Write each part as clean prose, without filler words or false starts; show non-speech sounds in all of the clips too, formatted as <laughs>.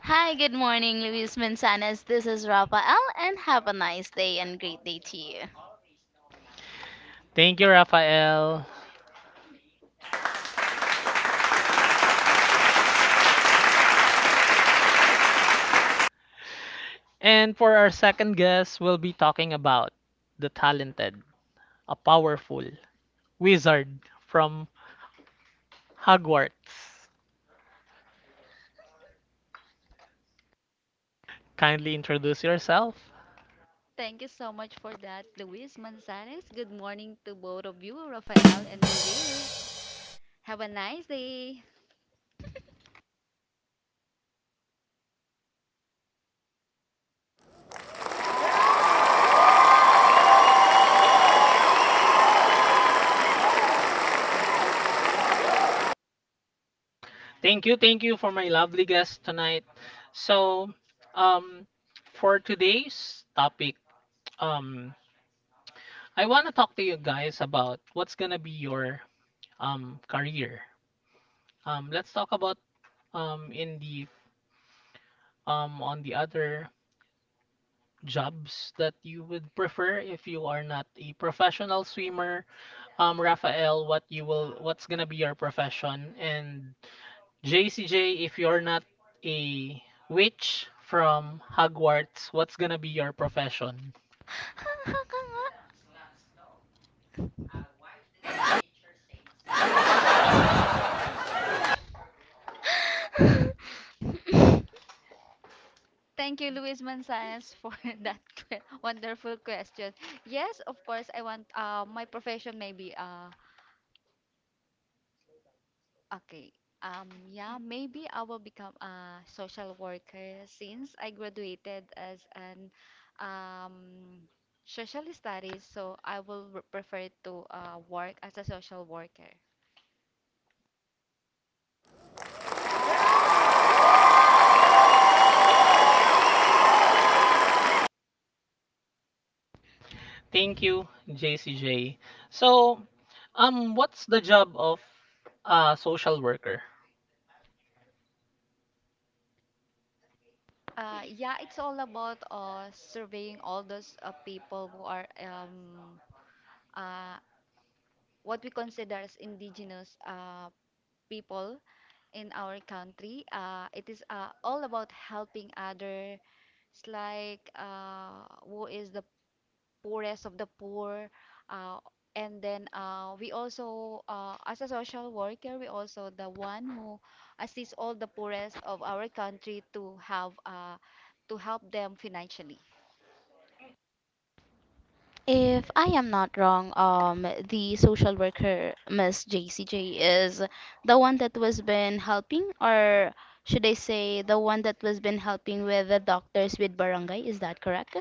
Hi, good morning, Luis Manzanas. This is Rafael, and have a nice day and great day to you. <laughs> If I am not wrong, the social worker, Miss JCJ, is the one that was been helping, or should I say, the one that was been helping with the doctors with barangay. Is that correct?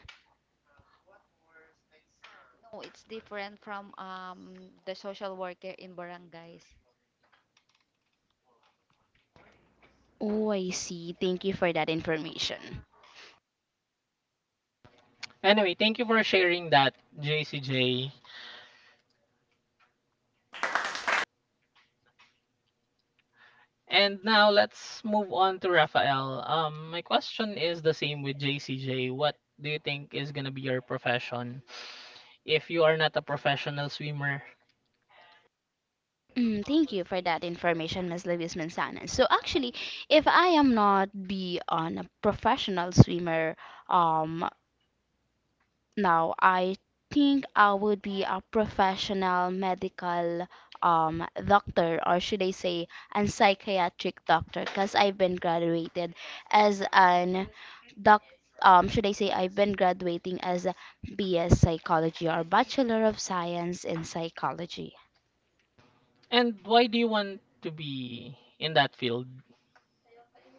Oh, I see. Thank you for that information. Thank you for that information, Ms. Lewis Manzanas. So actually, if I am not be on a professional swimmer, um, now I think I would be a professional medical doctor, or should I say, a psychiatric doctor, because I've been graduated as an doc. Should I say I've been graduating as a BS Psychology or Bachelor of Science in Psychology.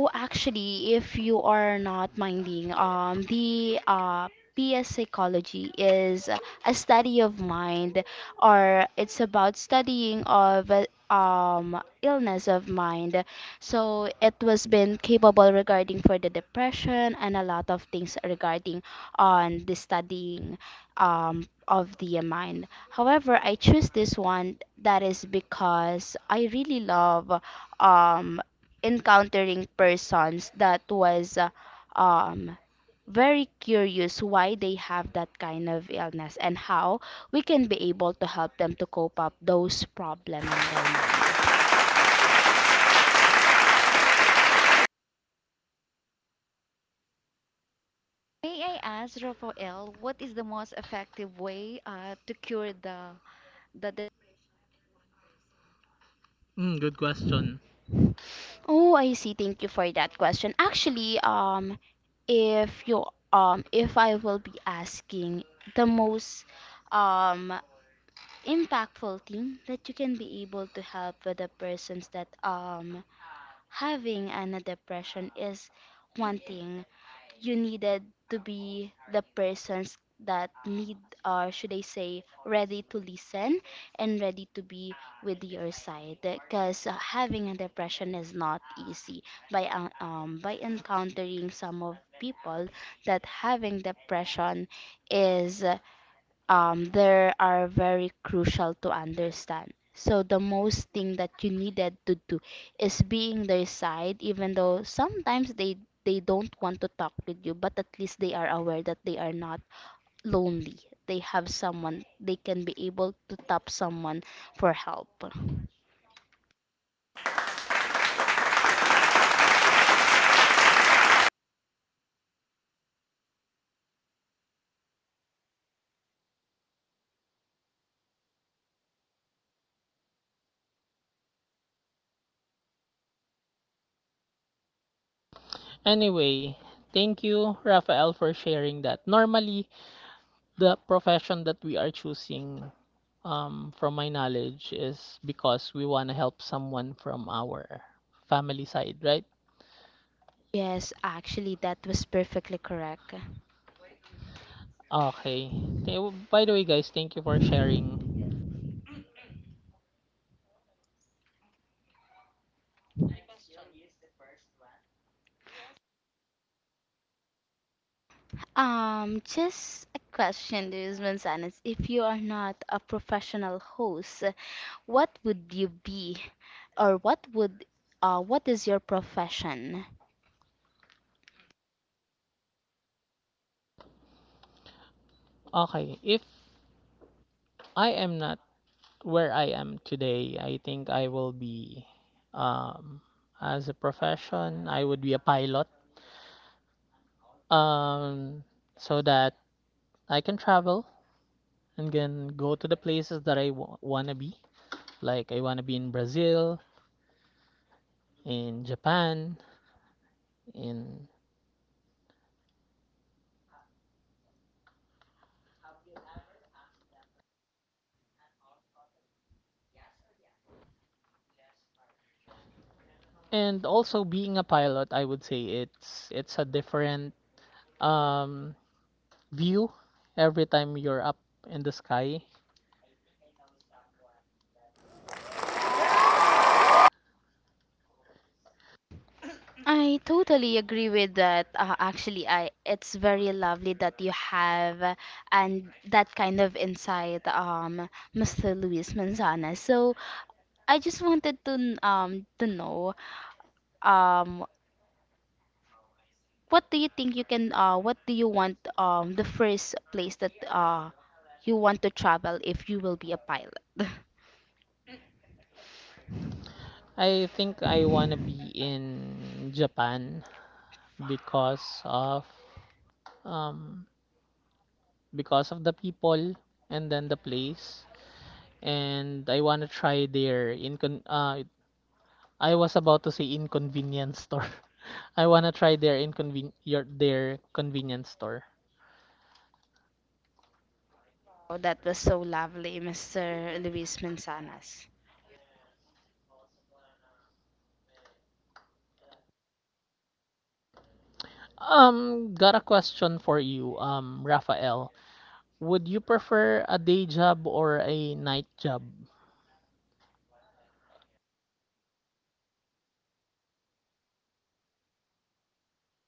Oh, actually, if you are not minding, the PS psychology is a study of mind, or it's about studying of illness of mind. So it was been capable regarding for the depression and a lot of things regarding on the studying of the mind. However, I choose this one that is because I really love um encountering persons that was um very curious why they have that kind of illness and how we can be able to help them to cope up those problem on their mind. Oh, I see. Thank you for that question. Actually, if you if I will be asking the most um impactful thing that you can be able to help with the persons that having an depression is one thing. You needed to be the persons that need, or should I say, ready to listen and ready to be with your side. Because having a depression is not easy. By encountering some of people that having depression is they are very crucial to understand. So the most thing that you needed to do is being their side, even though sometimes they don't want to talk with you, but at least they are aware that they are not lonely. They have someone they can be able to tap someone for help. Yes, actually that was perfectly correct. Just a question, Luis one, if you are not a professional host, what would you be? Or what would what is your profession? I totally agree with that. Actually, I it's very lovely that you have and that kind of insight, Mr. Luis Manzana. So I just wanted to to know um what do you think you can what do you want the first place that you want to travel if you will be a pilot? <laughs> Oh, that was so lovely, Mr. Luis Manzanas.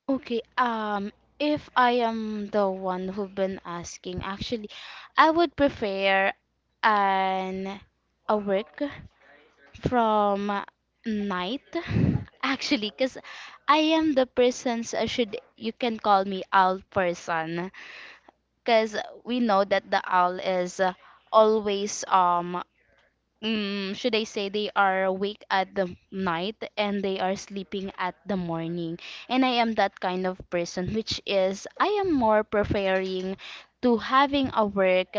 Okay, if I am the one who've been asking, actually, I would prefer an a work from night, <laughs> actually, because I am the person's, I should, you can call me owl person, because we know that the owl is always um should I say they are awake at the night and they are sleeping at the morning and I am that kind of person which is I am more preferring to having a work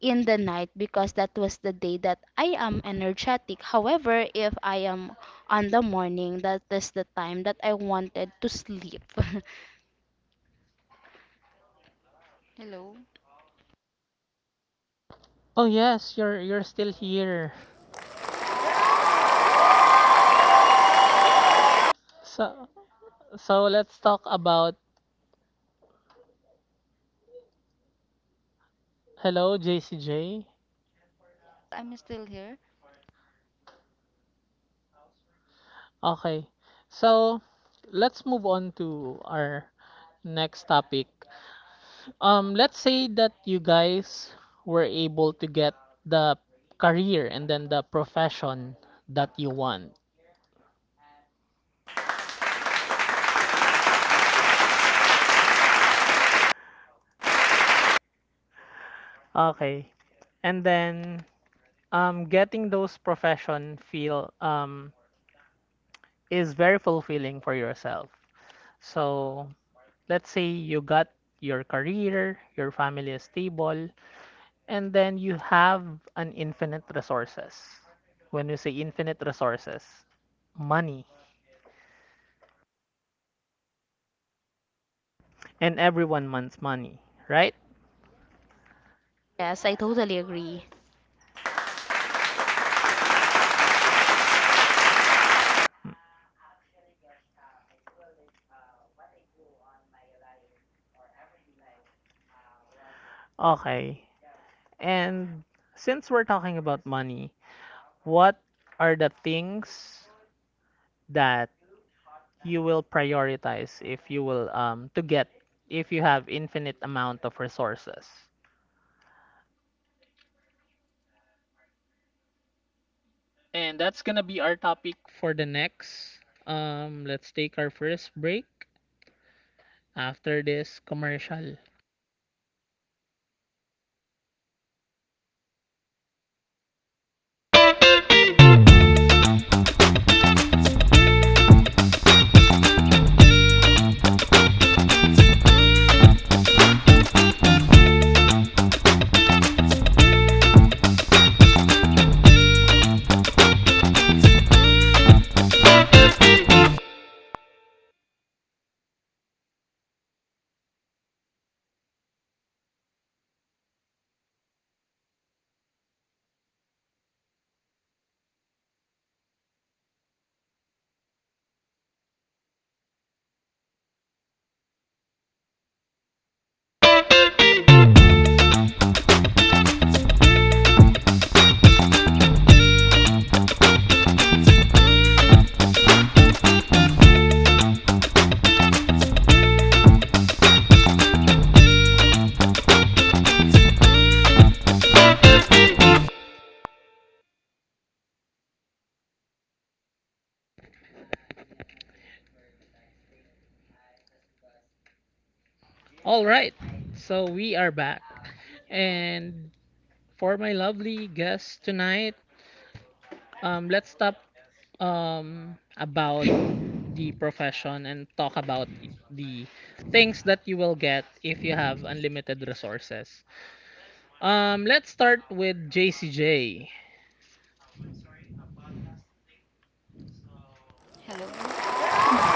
in the night because that was the day that I am energetic. However, if I am on the morning, that is the time that I wanted to sleep. <laughs> Yes, I totally agree. <laughs>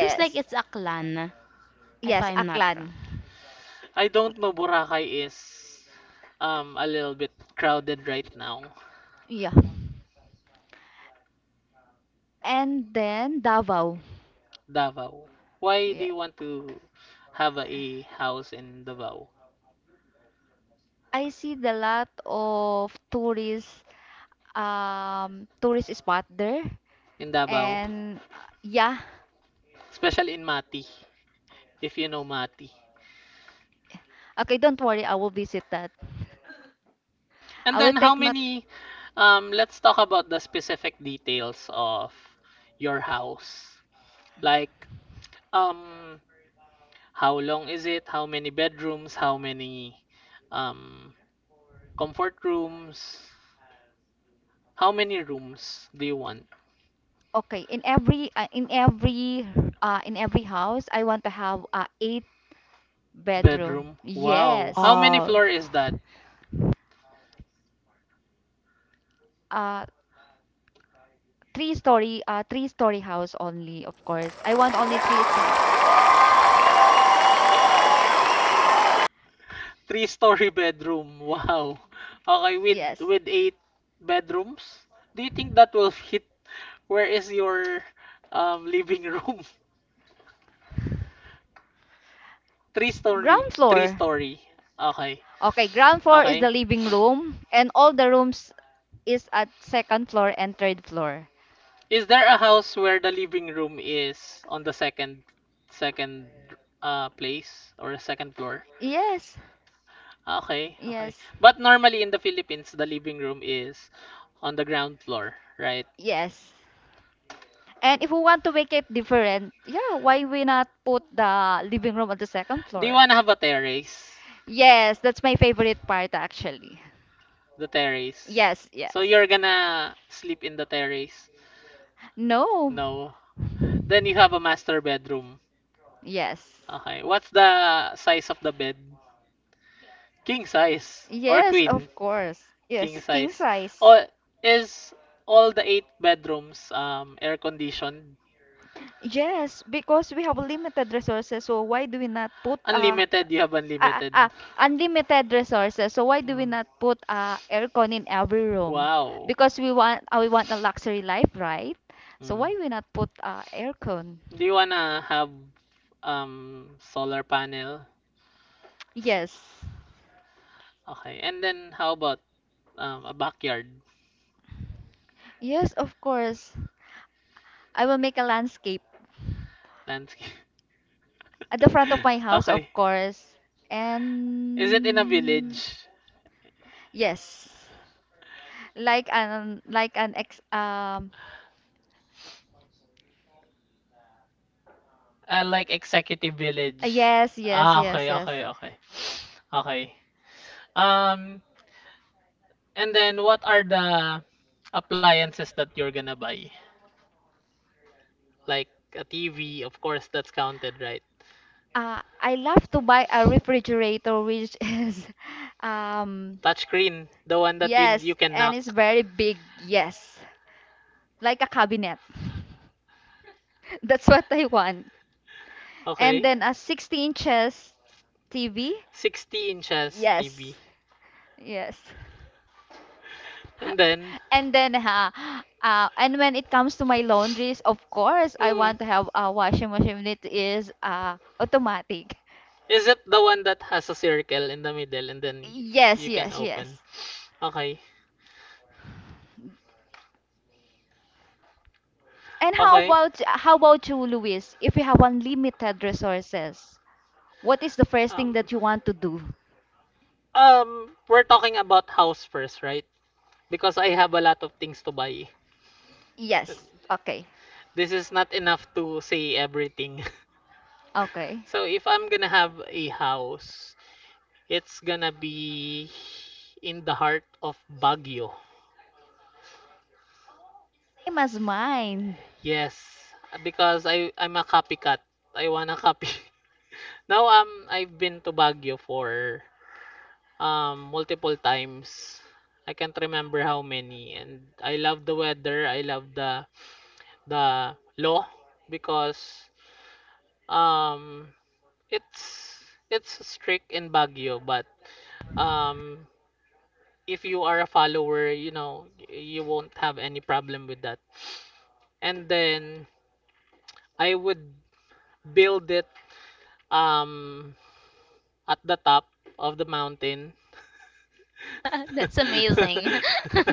Seems like it's a clan, if I'm not wrong. Wow. <laughs> That's amazing. <laughs>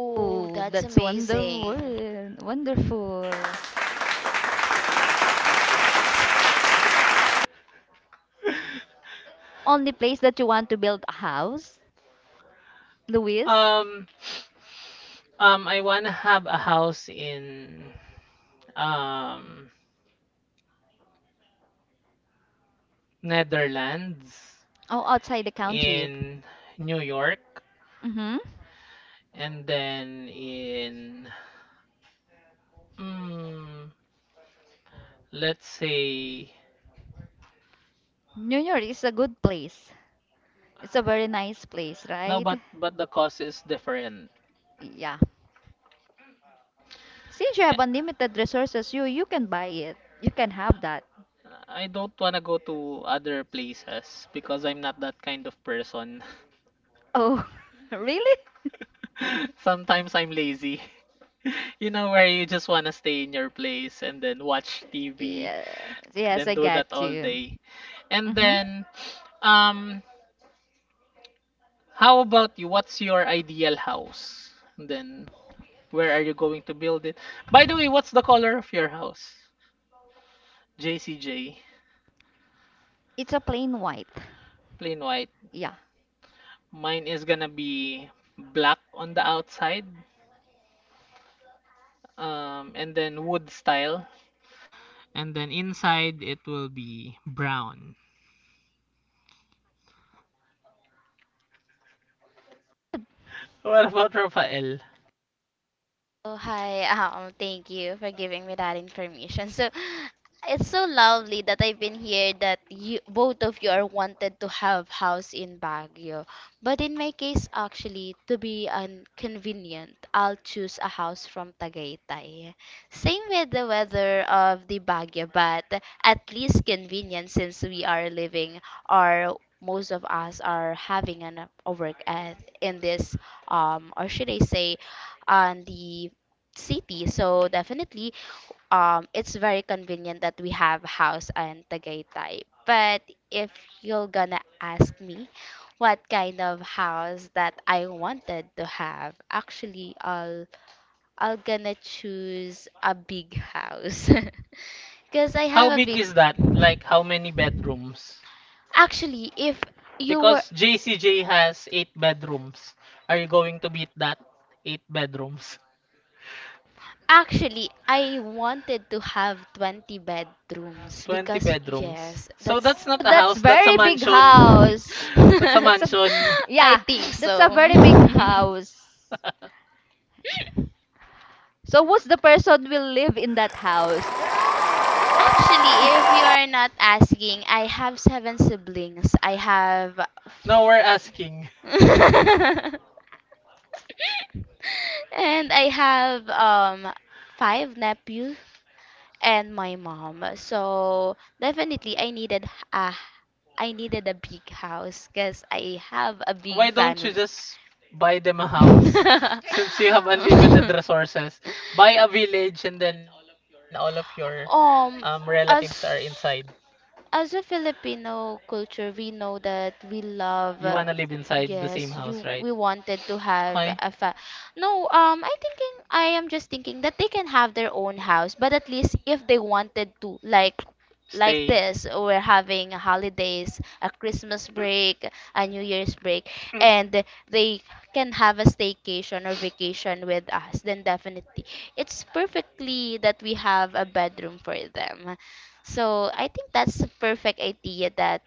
Oh, that's amazing. Oh, hi. Thank you for giving me that information. So, it's so lovely that I've been here that you both of you are wanted to have house in Baguio. But in my case, actually, to be inconvenient, I'll choose a house from Tagaytay. Same with the weather of the Baguio, but at least convenient since we are living or most of us are having an, a work at in this or should I say on the city. So definitely, it's very convenient that we have house in Tagaytay. But if you're gonna ask me what kind of house that I wanted to have, actually, I'll gonna choose a big house, <laughs> cause I have a big. Actually, if you were actually, I wanted to have 20 bedrooms because, yes, that's. <laughs> I think so. <laughs> Actually, if you are not asking, I have seven siblings. I have. <laughs> And I have five nephews and my mom. So definitely I needed a big house because I have a big family. <laughs> Um, as As a Filipino culture, we know that we love. Yes, you. We wanted to have a fa. No, I thinking I am just thinking that they can have their own house, but at least if they wanted to, like this, we're having holidays, a Christmas break, a New Year's break, and they can have a staycation or vacation with us, then definitely it's perfectly that we have a bedroom for them. So I think that's a perfect idea that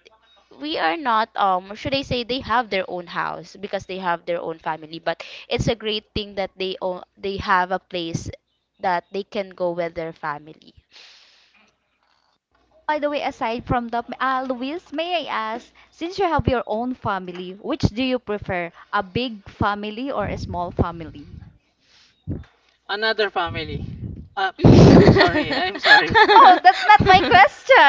we are not should I say they have their own house because they have their own family, but it's a great thing that they own, they have a place that they can go with their family. <laughs>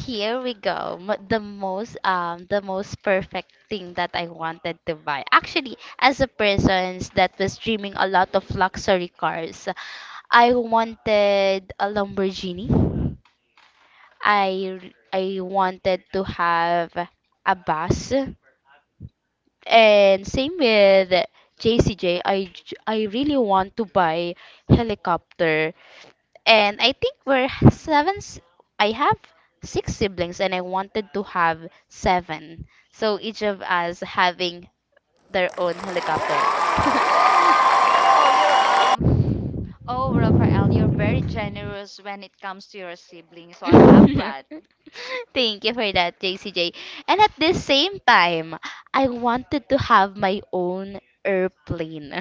Here we go. The most perfect thing that I wanted to buy. Actually, as a person that was dreaming a lot of luxury cars, I wanted a Lamborghini. I I wanted to have a bus. And same with JCJ, I really want to buy helicopter. And I think we're seven. I have six siblings, and I wanted to have seven. So each of us having their own helicopter. <laughs> Thank you for that, JCJ. And at the same time, I wanted to have my own airplane.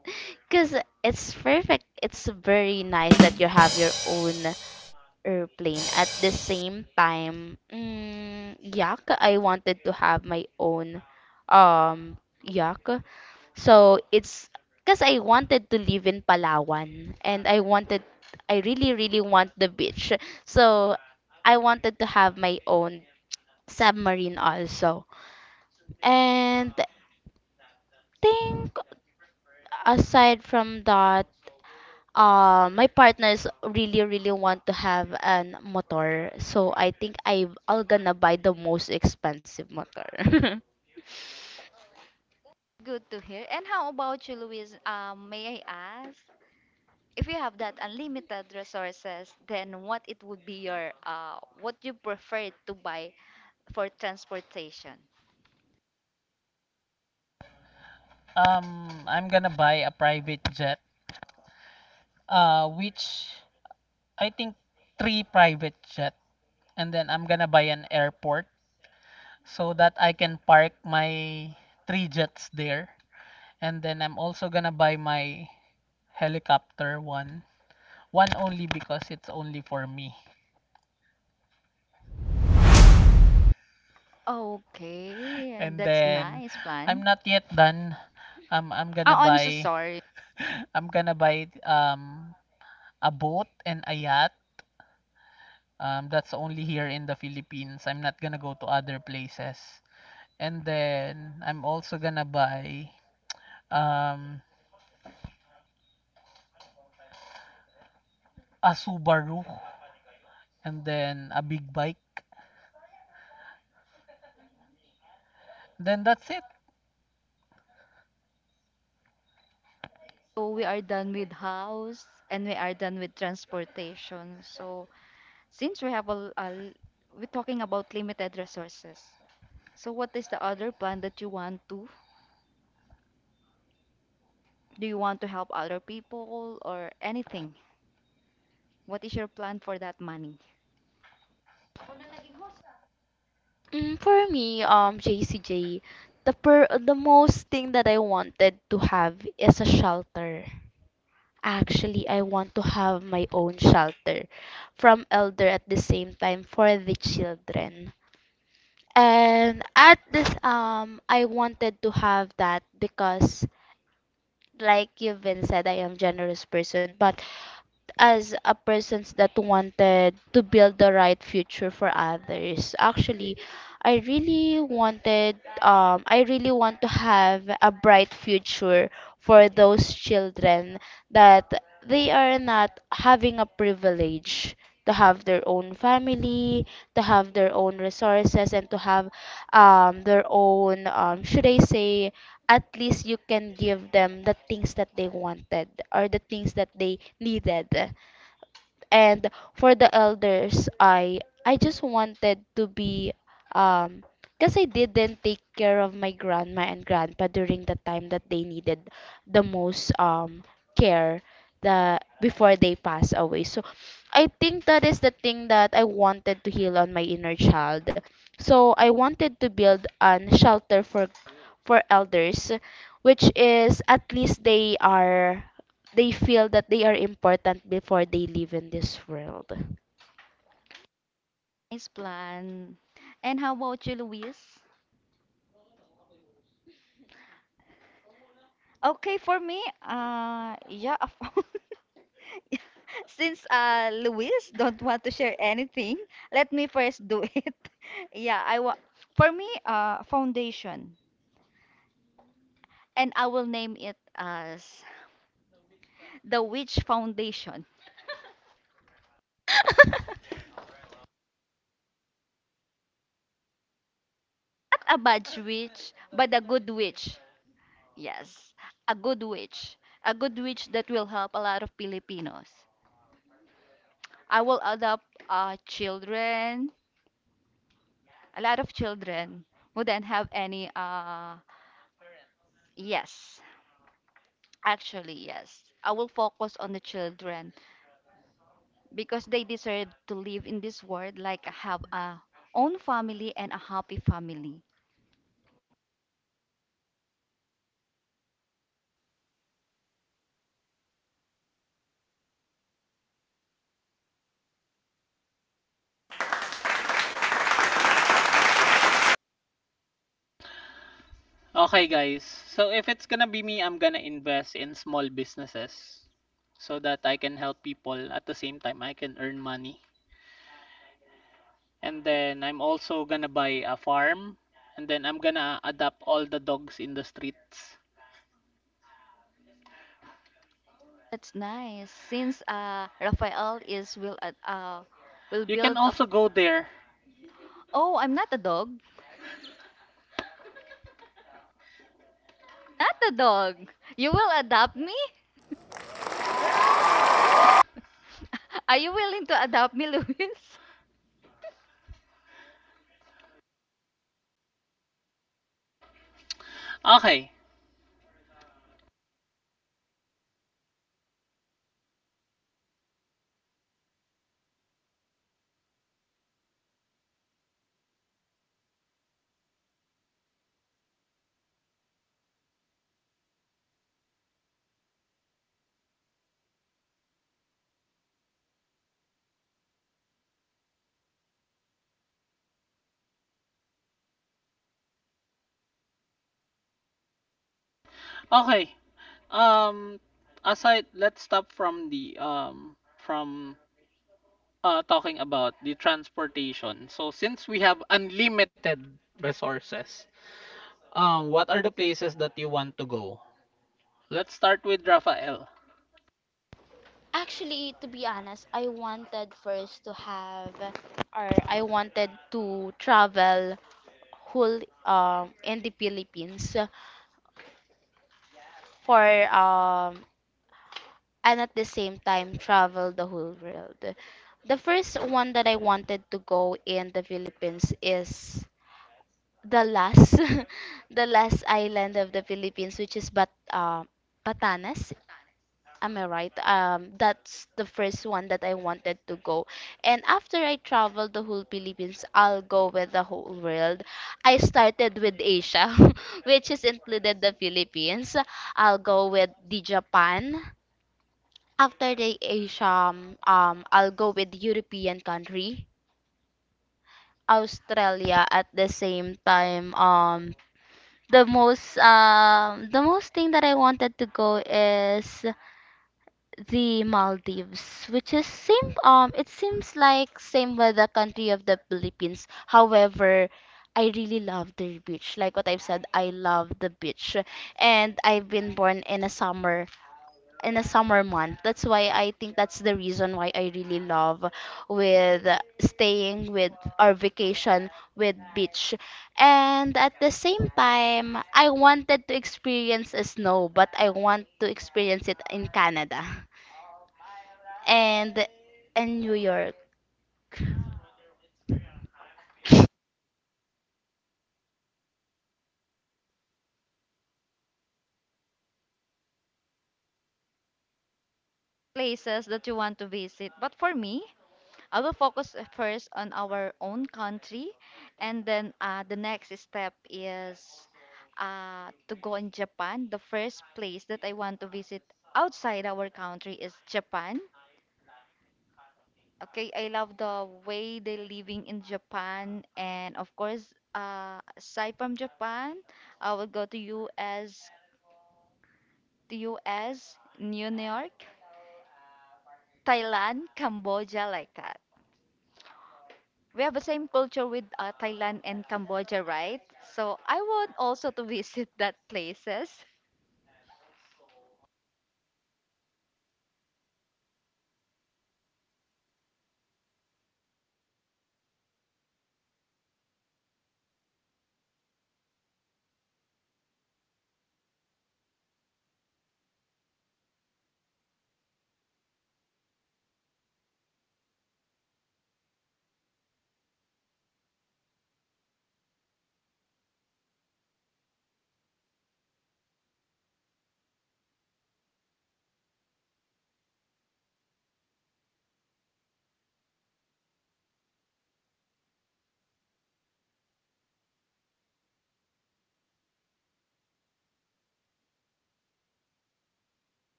<laughs> Because it's perfect. It's very nice that you have your own airplane. At the same time, I wanted to have my own yak. So it's because I wanted to live in Palawan and I really, really want the beach. So I wanted to have my own submarine also. And think aside from that, my partners really want to have an motor, so I think I'll gonna buy the most expensive motor. <laughs> For me, JCJ, the most thing that I wanted to have is a shelter. Actually, I want to have my own shelter from elder at the same time for the children. And at this I wanted to have that because like you've been said, I am generous person, but as a person that wanted to build the right future for others, actually, I really wanted, I really want to have a bright future for those children that they are not having a privilege to have their own family, to have their own resources, and to have their own, should I say, at least you can give them the things that they wanted or the things that they needed. And for the elders, I just wanted to be um because I didn't take care of my grandma and grandpa during the time that they needed the most care the before they pass away. So I think that is the thing that I wanted to heal on my inner child. So I wanted to build an shelter for elders, which is at least they are they feel that they are important before they live in this world. Actually, to be honest, I wanted first to have, or I wanted to travel whole in the Philippines for um and at the same time travel the whole world. The first one that I wanted to go in the Philippines is the last, <laughs> the last island of the Philippines, which is Batanes. Am I right? That's the first one that I wanted to go. And after I travel the whole Philippines, I'll go with the whole world. I started with Asia, <laughs> which is included the Philippines. I'll go with the Japan. After the Asia, I'll go with European country, Australia at the same time. The most thing that I wanted to go is the Maldives, which is same. It seems like same with the country of the Philippines. However, I really love the beach. Like what I've said, I love the beach, and I've been born in a summer month. That's why I think that's the reason why I really love with staying with or vacation with beach. And at the same time, I wanted to experience a snow, but I want to experience it in Canada. <laughs> And in New York.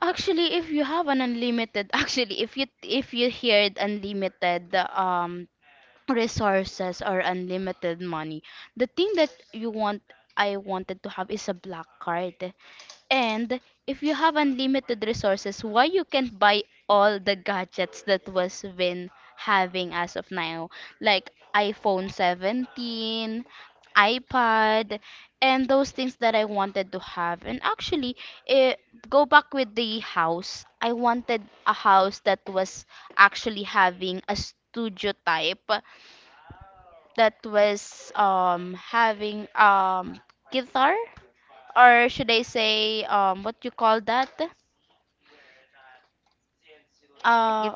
Actually, if you have an unlimited, <laughs> actually, if you heard unlimited resources or unlimited money, the thing that you want I wanted to have is a black card. And if you have unlimited resources, why you can't buy all the gadgets that was been having as of now? Like iPhone 17, iPad, and those things that I wanted to have. And actually, eh, go back with the house. I wanted a house that was actually having a studio type that was having guitar or should I say what you call that? Uh,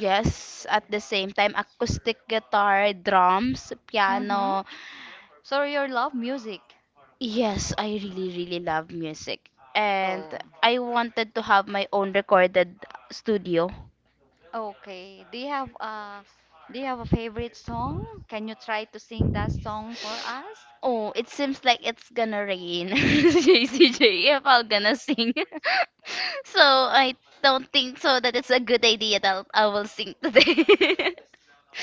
yes, at the same time, acoustic guitar, drums, piano. Yes, I really, really love music. And I wanted to have my own recorded studio. Oh, it seems like it's gonna rain, <laughs> JCJ, if I'm gonna sing. <laughs> So I don't think so that it's a good idea that I will sing today. <laughs>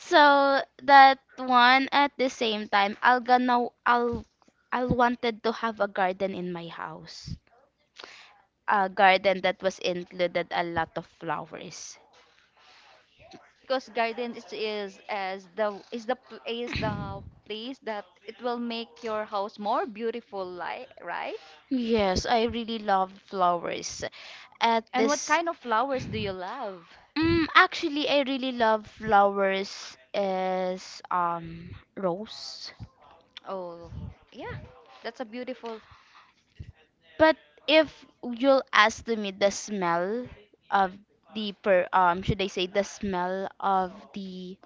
So that one at the same time, I'll gonna I'll wanted to have a garden in my house. A garden that was included a lot of flowers. Yes, I really love flowers. At this Actually, I really love flowers is rose. But if you'll ask to me the smell of the per should I say the smell of the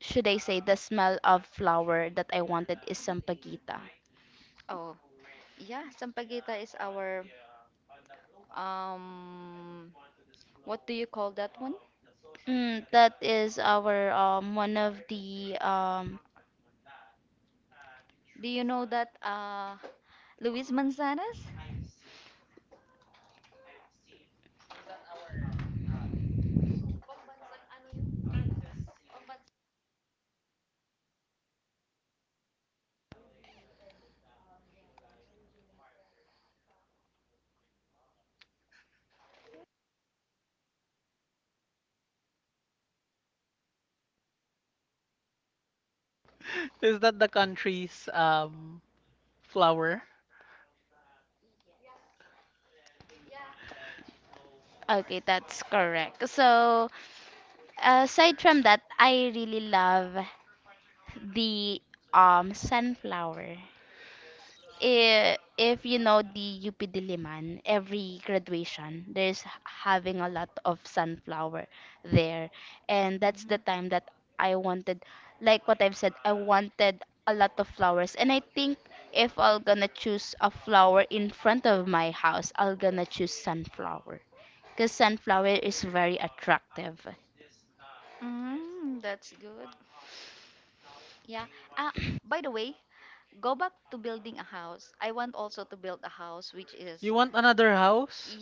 should I say the smell of flower that I wanted is sampaguita. Mm, that is our one of the <laughs> Is that the country's flower? okay, that's correct. So aside from that, I really love the sunflower. If you know the UP Diliman, every graduation, there's having a lot of sunflower there. And that's the time that I wanted, like what I've said, I wanted a lot of flowers. And I think if I'll gonna choose a flower in front of my house, I'll gonna choose sunflower. Because sunflower is very attractive. You want another house?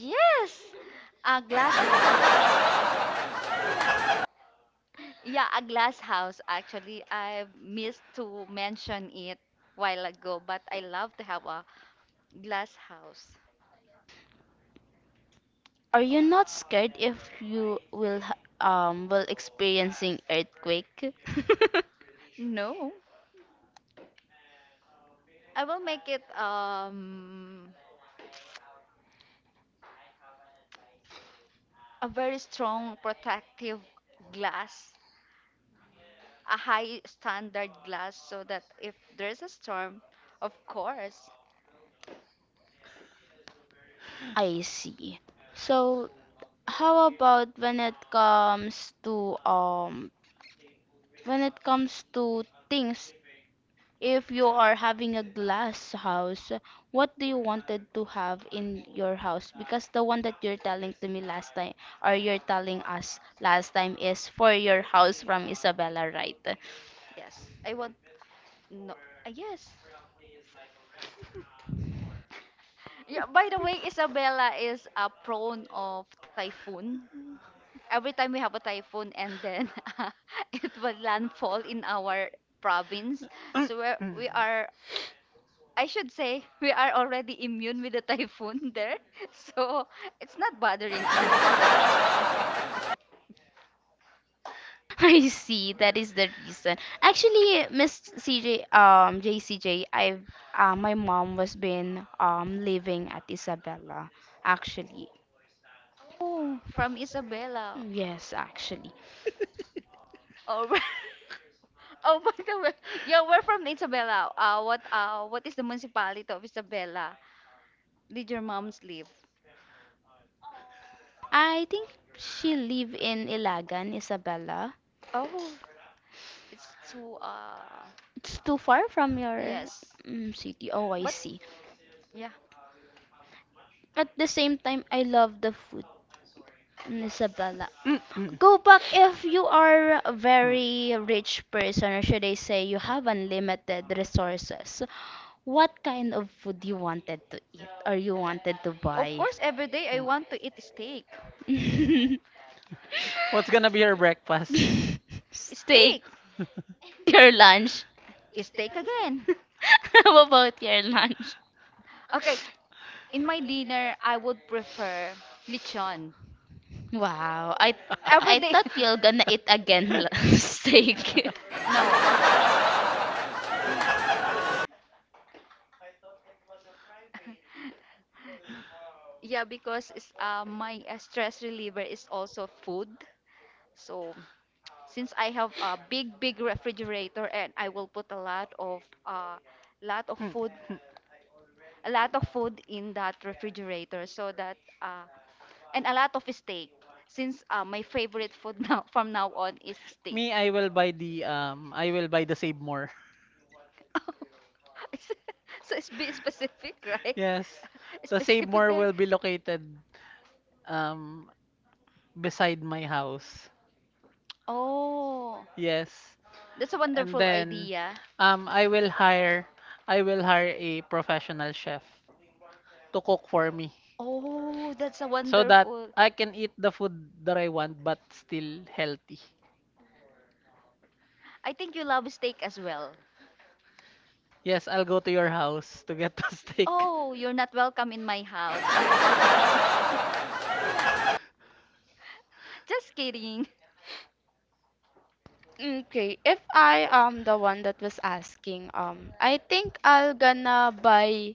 Are you not scared if you will will experiencing earthquake? <laughs> I see. So how about when it comes to when it comes to things if you are having a glass house, what do you wanted to have in your house? Because the one that you're telling to me last time or you're telling us last time is for your house from Isabella, right? <clears throat> <laughs> I see. That is the reason. Actually, Miss CJ, JCJ. I've my mom was been living at Isabela. Actually, yes, actually, I think she live in Ilagan, Isabela. It's too far from your city. Oh, I see. At the same time, I love the food in Isabela. Go back if you are a very rich person, or should I say, you have unlimited resources. What kind of food you wanted to eat or you wanted to buy? What's gonna be your breakfast? <laughs> Steak <laughs> your lunch. <laughs> How about your lunch? Wow, I thought you're gonna eat again <laughs> steak. Mm, me, I will buy the Save More. Yes. The Save More will be located um, beside my house. Yes. And then I will hire a professional chef to cook for me so that I can eat the food that I want but still healthy. Yes, I'll go to your house to get the <laughs> steak. Okay, if I am the one that was asking, I think I'll gonna buy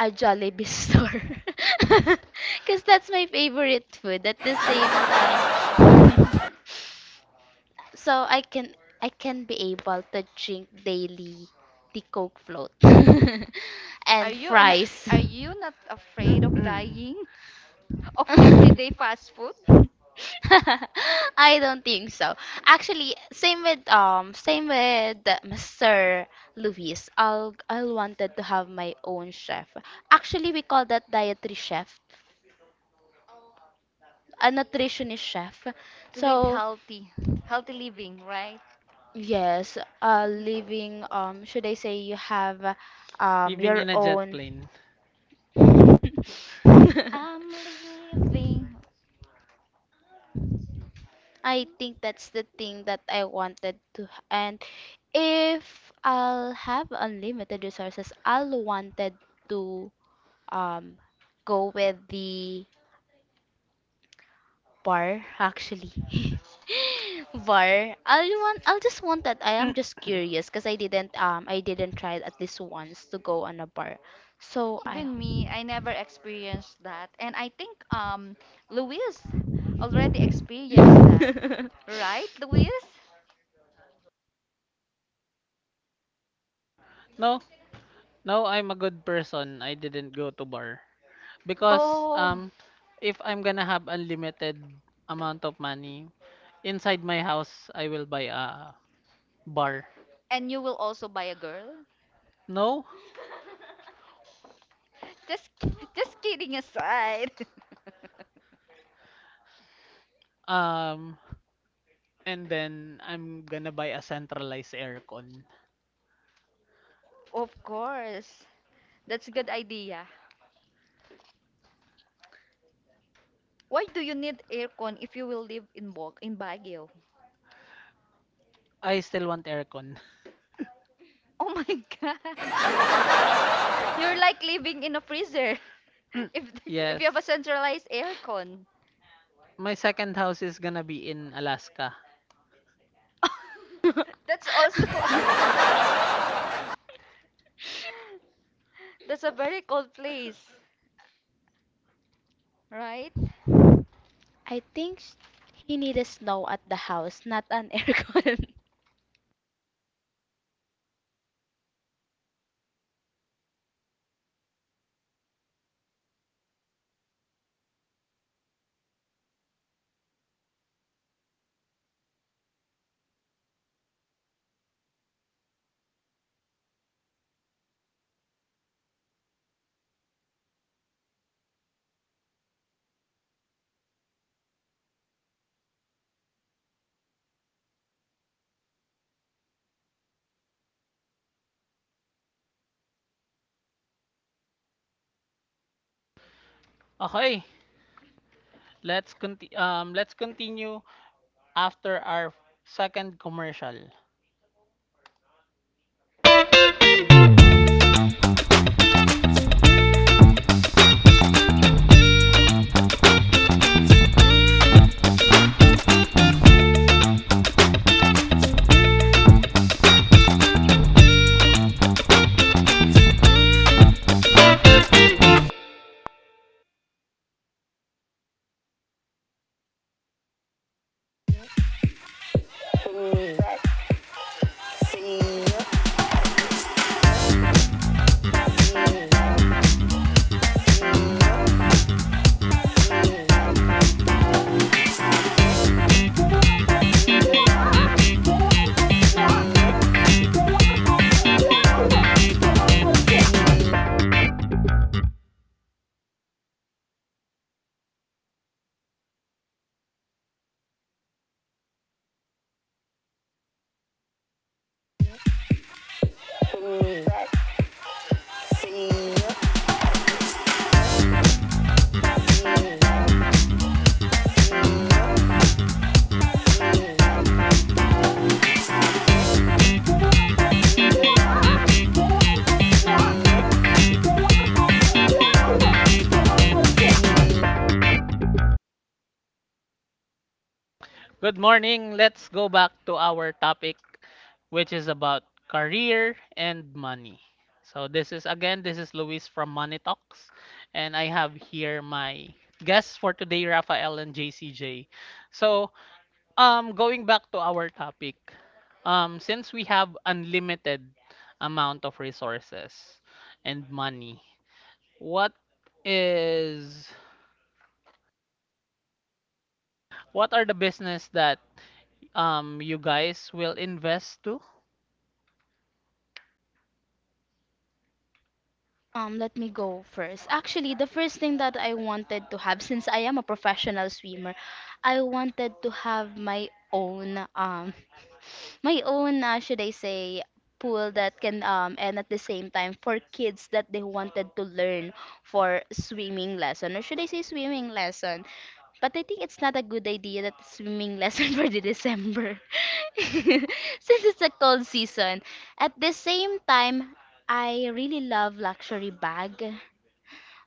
a Jollibee store. <laughs> Because that's my favorite food at the same time. <laughs> So I can be able to drink daily the Coke float <laughs> and fries. <clears throat> <laughs> I don't think so. Actually, same with Mr. Luis. I wanted to have my own chef. Actually, we call that dietary chef a nutritionist chef. So yes, living should I say you have Living your in a jet own. plane. <laughs> I think that's the thing that I wanted to, and if I'll have unlimited resources, I'll wanted to um go with the Bar, actually. <laughs> Bar. I will want. I'll just want that. I am just curious because I didn't. I didn't try it at least once to go on a bar. So I. <laughs> No, no, I'm a good person. I didn't go to bar. Because if I'm gonna have unlimited amount of money inside my house, I will buy a bar. No? Um and then I'm gonna buy a centralized aircon. I still want aircon. <clears throat> Yes. My second house is gonna be in Alaska. I think <laughs> he needed snow at the house, not an aircon. <laughs> Okay, let's continue after our second commercial. Good morning. Let's go back to our topic, which is about career and money. So this is again, this is Luis from Money Talks, and I have here my guests for today, Rafael and JCJ. So going back to our topic, since we have unlimited amount of resources and money, what is what are the business that you guys will invest to? Let me go first. Actually, the first thing that I wanted to have, since I am a professional swimmer, I wanted to have my own, <laughs> my own, should I say, pool and at the same time for kids that they wanted to learn for swimming lesson, or should I say swimming lesson? But I think it's not a good idea that swimming lesson <laughs> for the December, <laughs> since it's a cold season. At the same time, I really love luxury bag.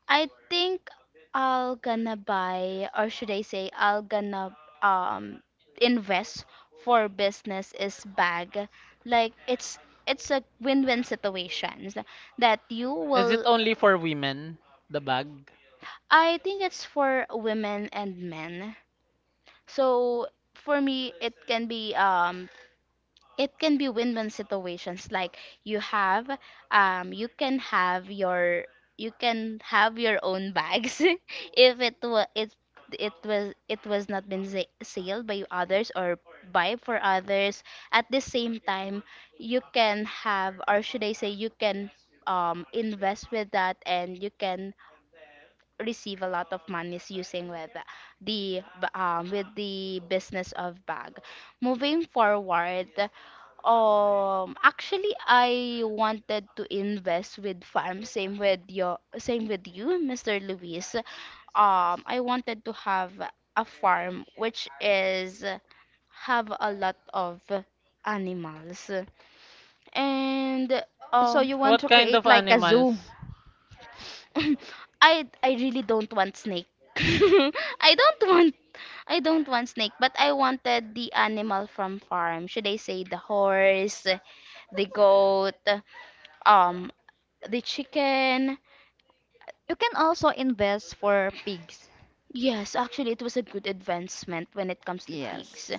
I think I'll gonna buy, or should I say, I'll gonna um invest for business is bag. Like it's a win-win situations that you Is it will. only for women? The bag? I think it's for women and men so for me, it can be win-win situations like you have you can have your own bags <laughs> if it was not been sailed by others or buy for others at the same time you can have or should I say you can invest with that and you can receive a lot of monies using with the b- business of bag. Moving forward, actually, I wanted to invest with farm. Same with you, Mr. Luis. I wanted to have a farm which is have a lot of animals and um. What kind of animals? <laughs> I really don't want snake. <laughs> I don't want I don't want snake, but I wanted the animal from farm. Should I say the horse, the goat, um, the chicken? Yes, actually, it was a good advancement when it comes to pigs.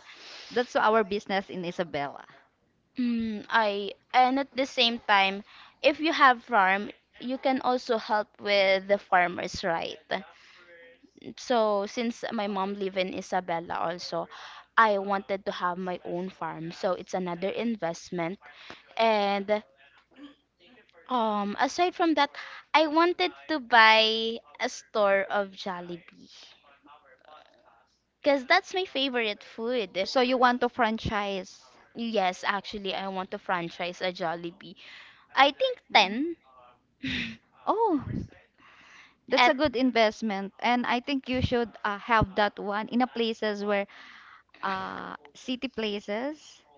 Mm, I and at the same time, if you have farm, you can also help with the farmers, right? So since my mom live in Isabela also, I wanted to have my own farm. So it's another investment. And aside from that, I wanted to buy a store of Jollibee. Because that's my favorite food. Yes, actually, I want to franchise a Jollibee. I think 10 at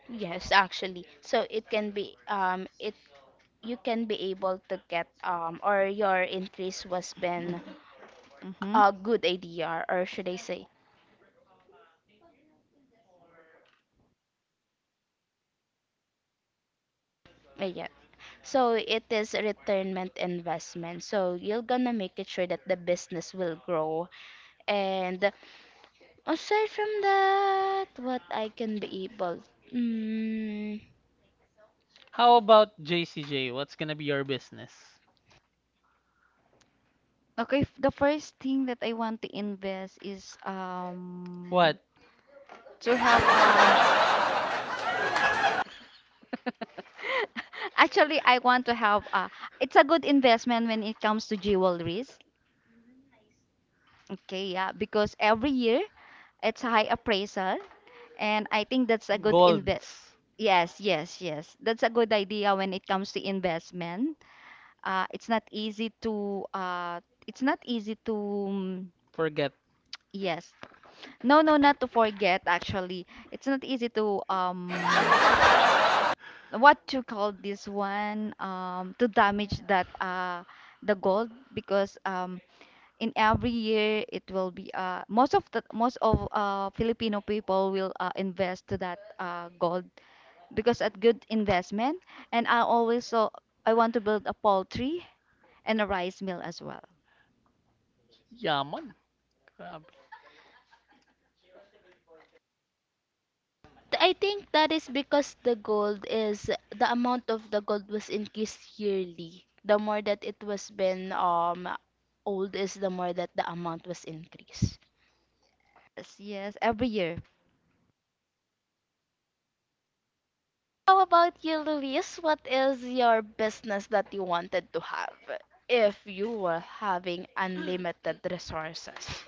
yes, actually. So it can be it you can be able to get or your increase was been a good idea or should I say yeah. So it is returnment investment. So you're gonna make it sure that the business will grow. And aside from that, what I can be able. Mm, How about JCJ? What's gonna be your business? What? Golds. Forget. Yaman. Grabe. I think that is because the amount of the gold was increased yearly. The more that it was been old is the more that the amount was increased. How about you, Luis? What is your business that you wanted to have? If you were having unlimited resources,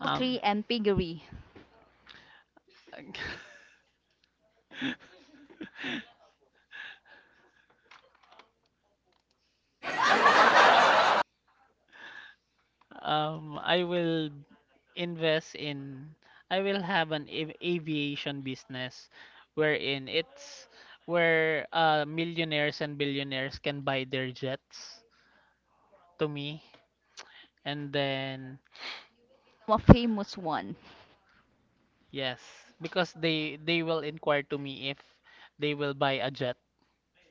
Um, <laughs> I will invest in, I will have an aviation business wherein it's where millionaires and billionaires can buy their jets to me. And then yes, because they will inquire to me if they will buy a jet,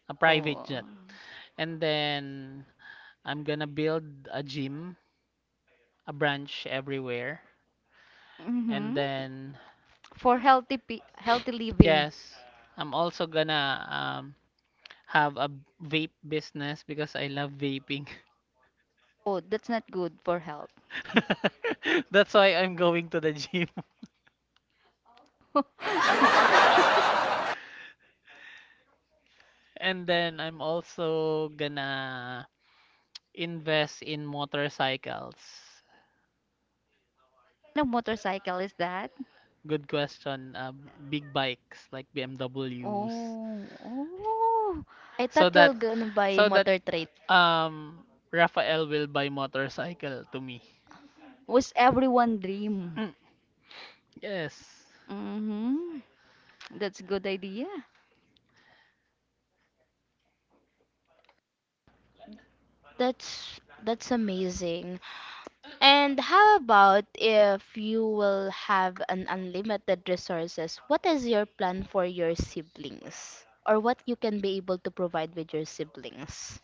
a private jet. And then I'm gonna build a gym, a branch everywhere. And then yes, I'm also gonna have a vape business because I love vaping. <laughs> That's why I'm going to the gym. <laughs> And then I'm also gonna invest in motorcycles. Good question. Big bikes like BMWs, I so thought that you're gonna buy so that motor trade. um Rafael will buy motorcycle to me. Mm, yes. That's amazing. And how about if you will have an unlimited resources? What is your plan for your siblings? Or what you can be able to provide with your siblings?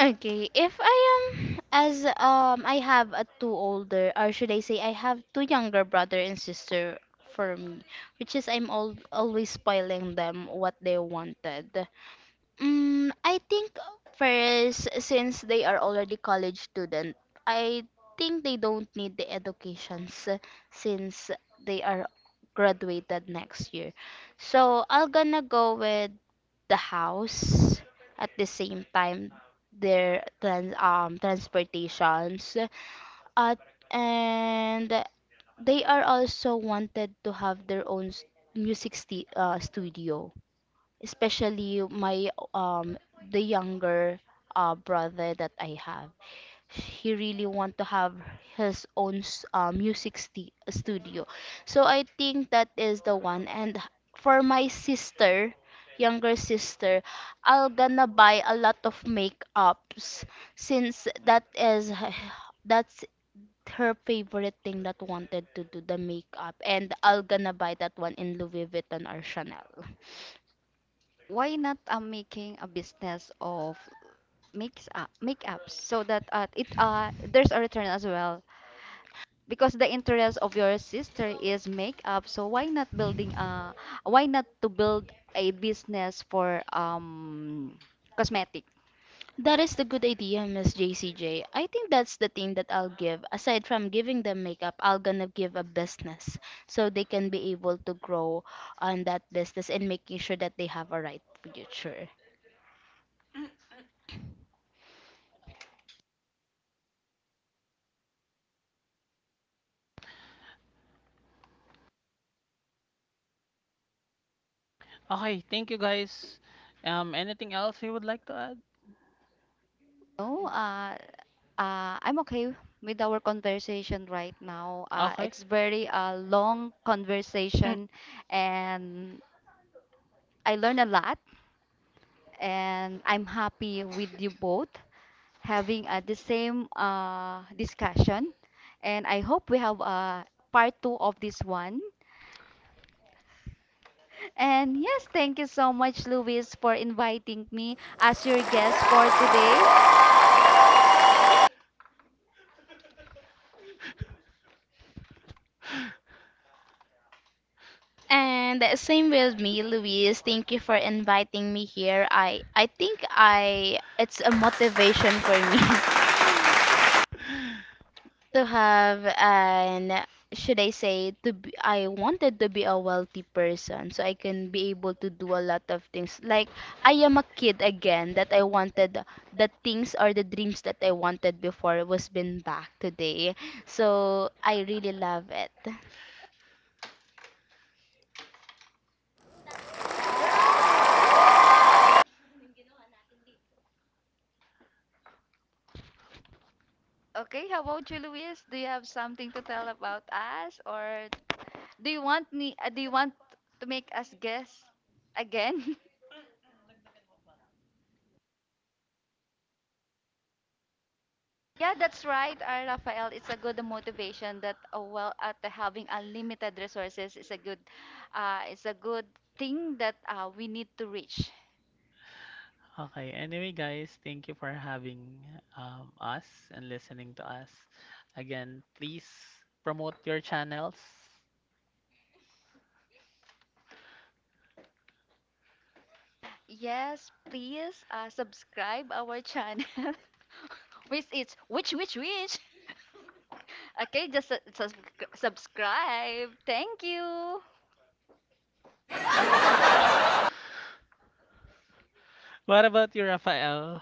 Okay, if I am as I have a two older or should I say I have two younger brother and sister for me, which is I'm al always spoiling them what they wanted. Mm, I think first, since they are already college student, I think they don't need the educations since they are graduated next year. So I'll gonna go with the house at the same time their transportations uh, and they are also wanted to have their own music sti studio especially my the younger brother that I have. He really want to have his own music studio. So I think that is the one. And for my sister, younger sister, I'll gonna buy a lot of makeups since that's her favorite thing that wanted to do the makeup and I'll gonna buy that one in Louis Vuitton or Chanel. That is the good idea, Miss JCJ. I think that's the thing that I'll give. Aside from giving them makeup, I'll gonna give a business so they can be able to grow on that business and making sure that they have a right future. Okay. Thank you guys. Anything else you would like to add? Okay. And same with me, Louise. Thank you for inviting me here. I think I it's a motivation for me <laughs> to have an should I say to be, I wanted to be a wealthy person so I can be able to do a lot of things. Like I am a kid again that I wanted the things or the dreams that I wanted before was been back today. So I really love it. Okay. Anyway, guys, thank you for having us and listening to us. Again, please promote your channels. What about you, Rafael?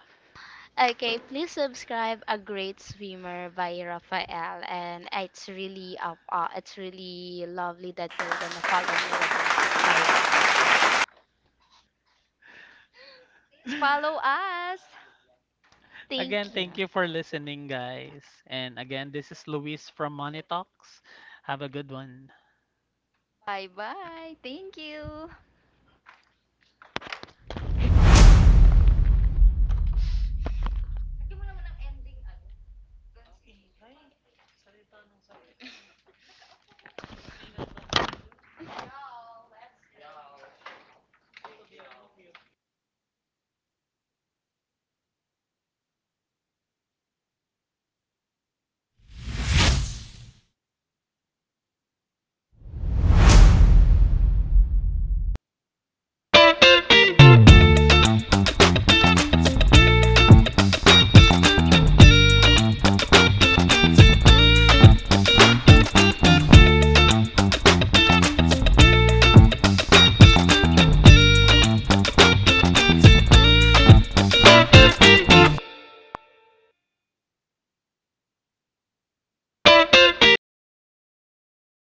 Okay, please subscribe A Great Swimmer by Raphael and it's really lovely that you're gonna follow me with my my <laughs> Again, Thank you. thank you for listening, guys. And again, this is Luis from Money Talks. Have a good one.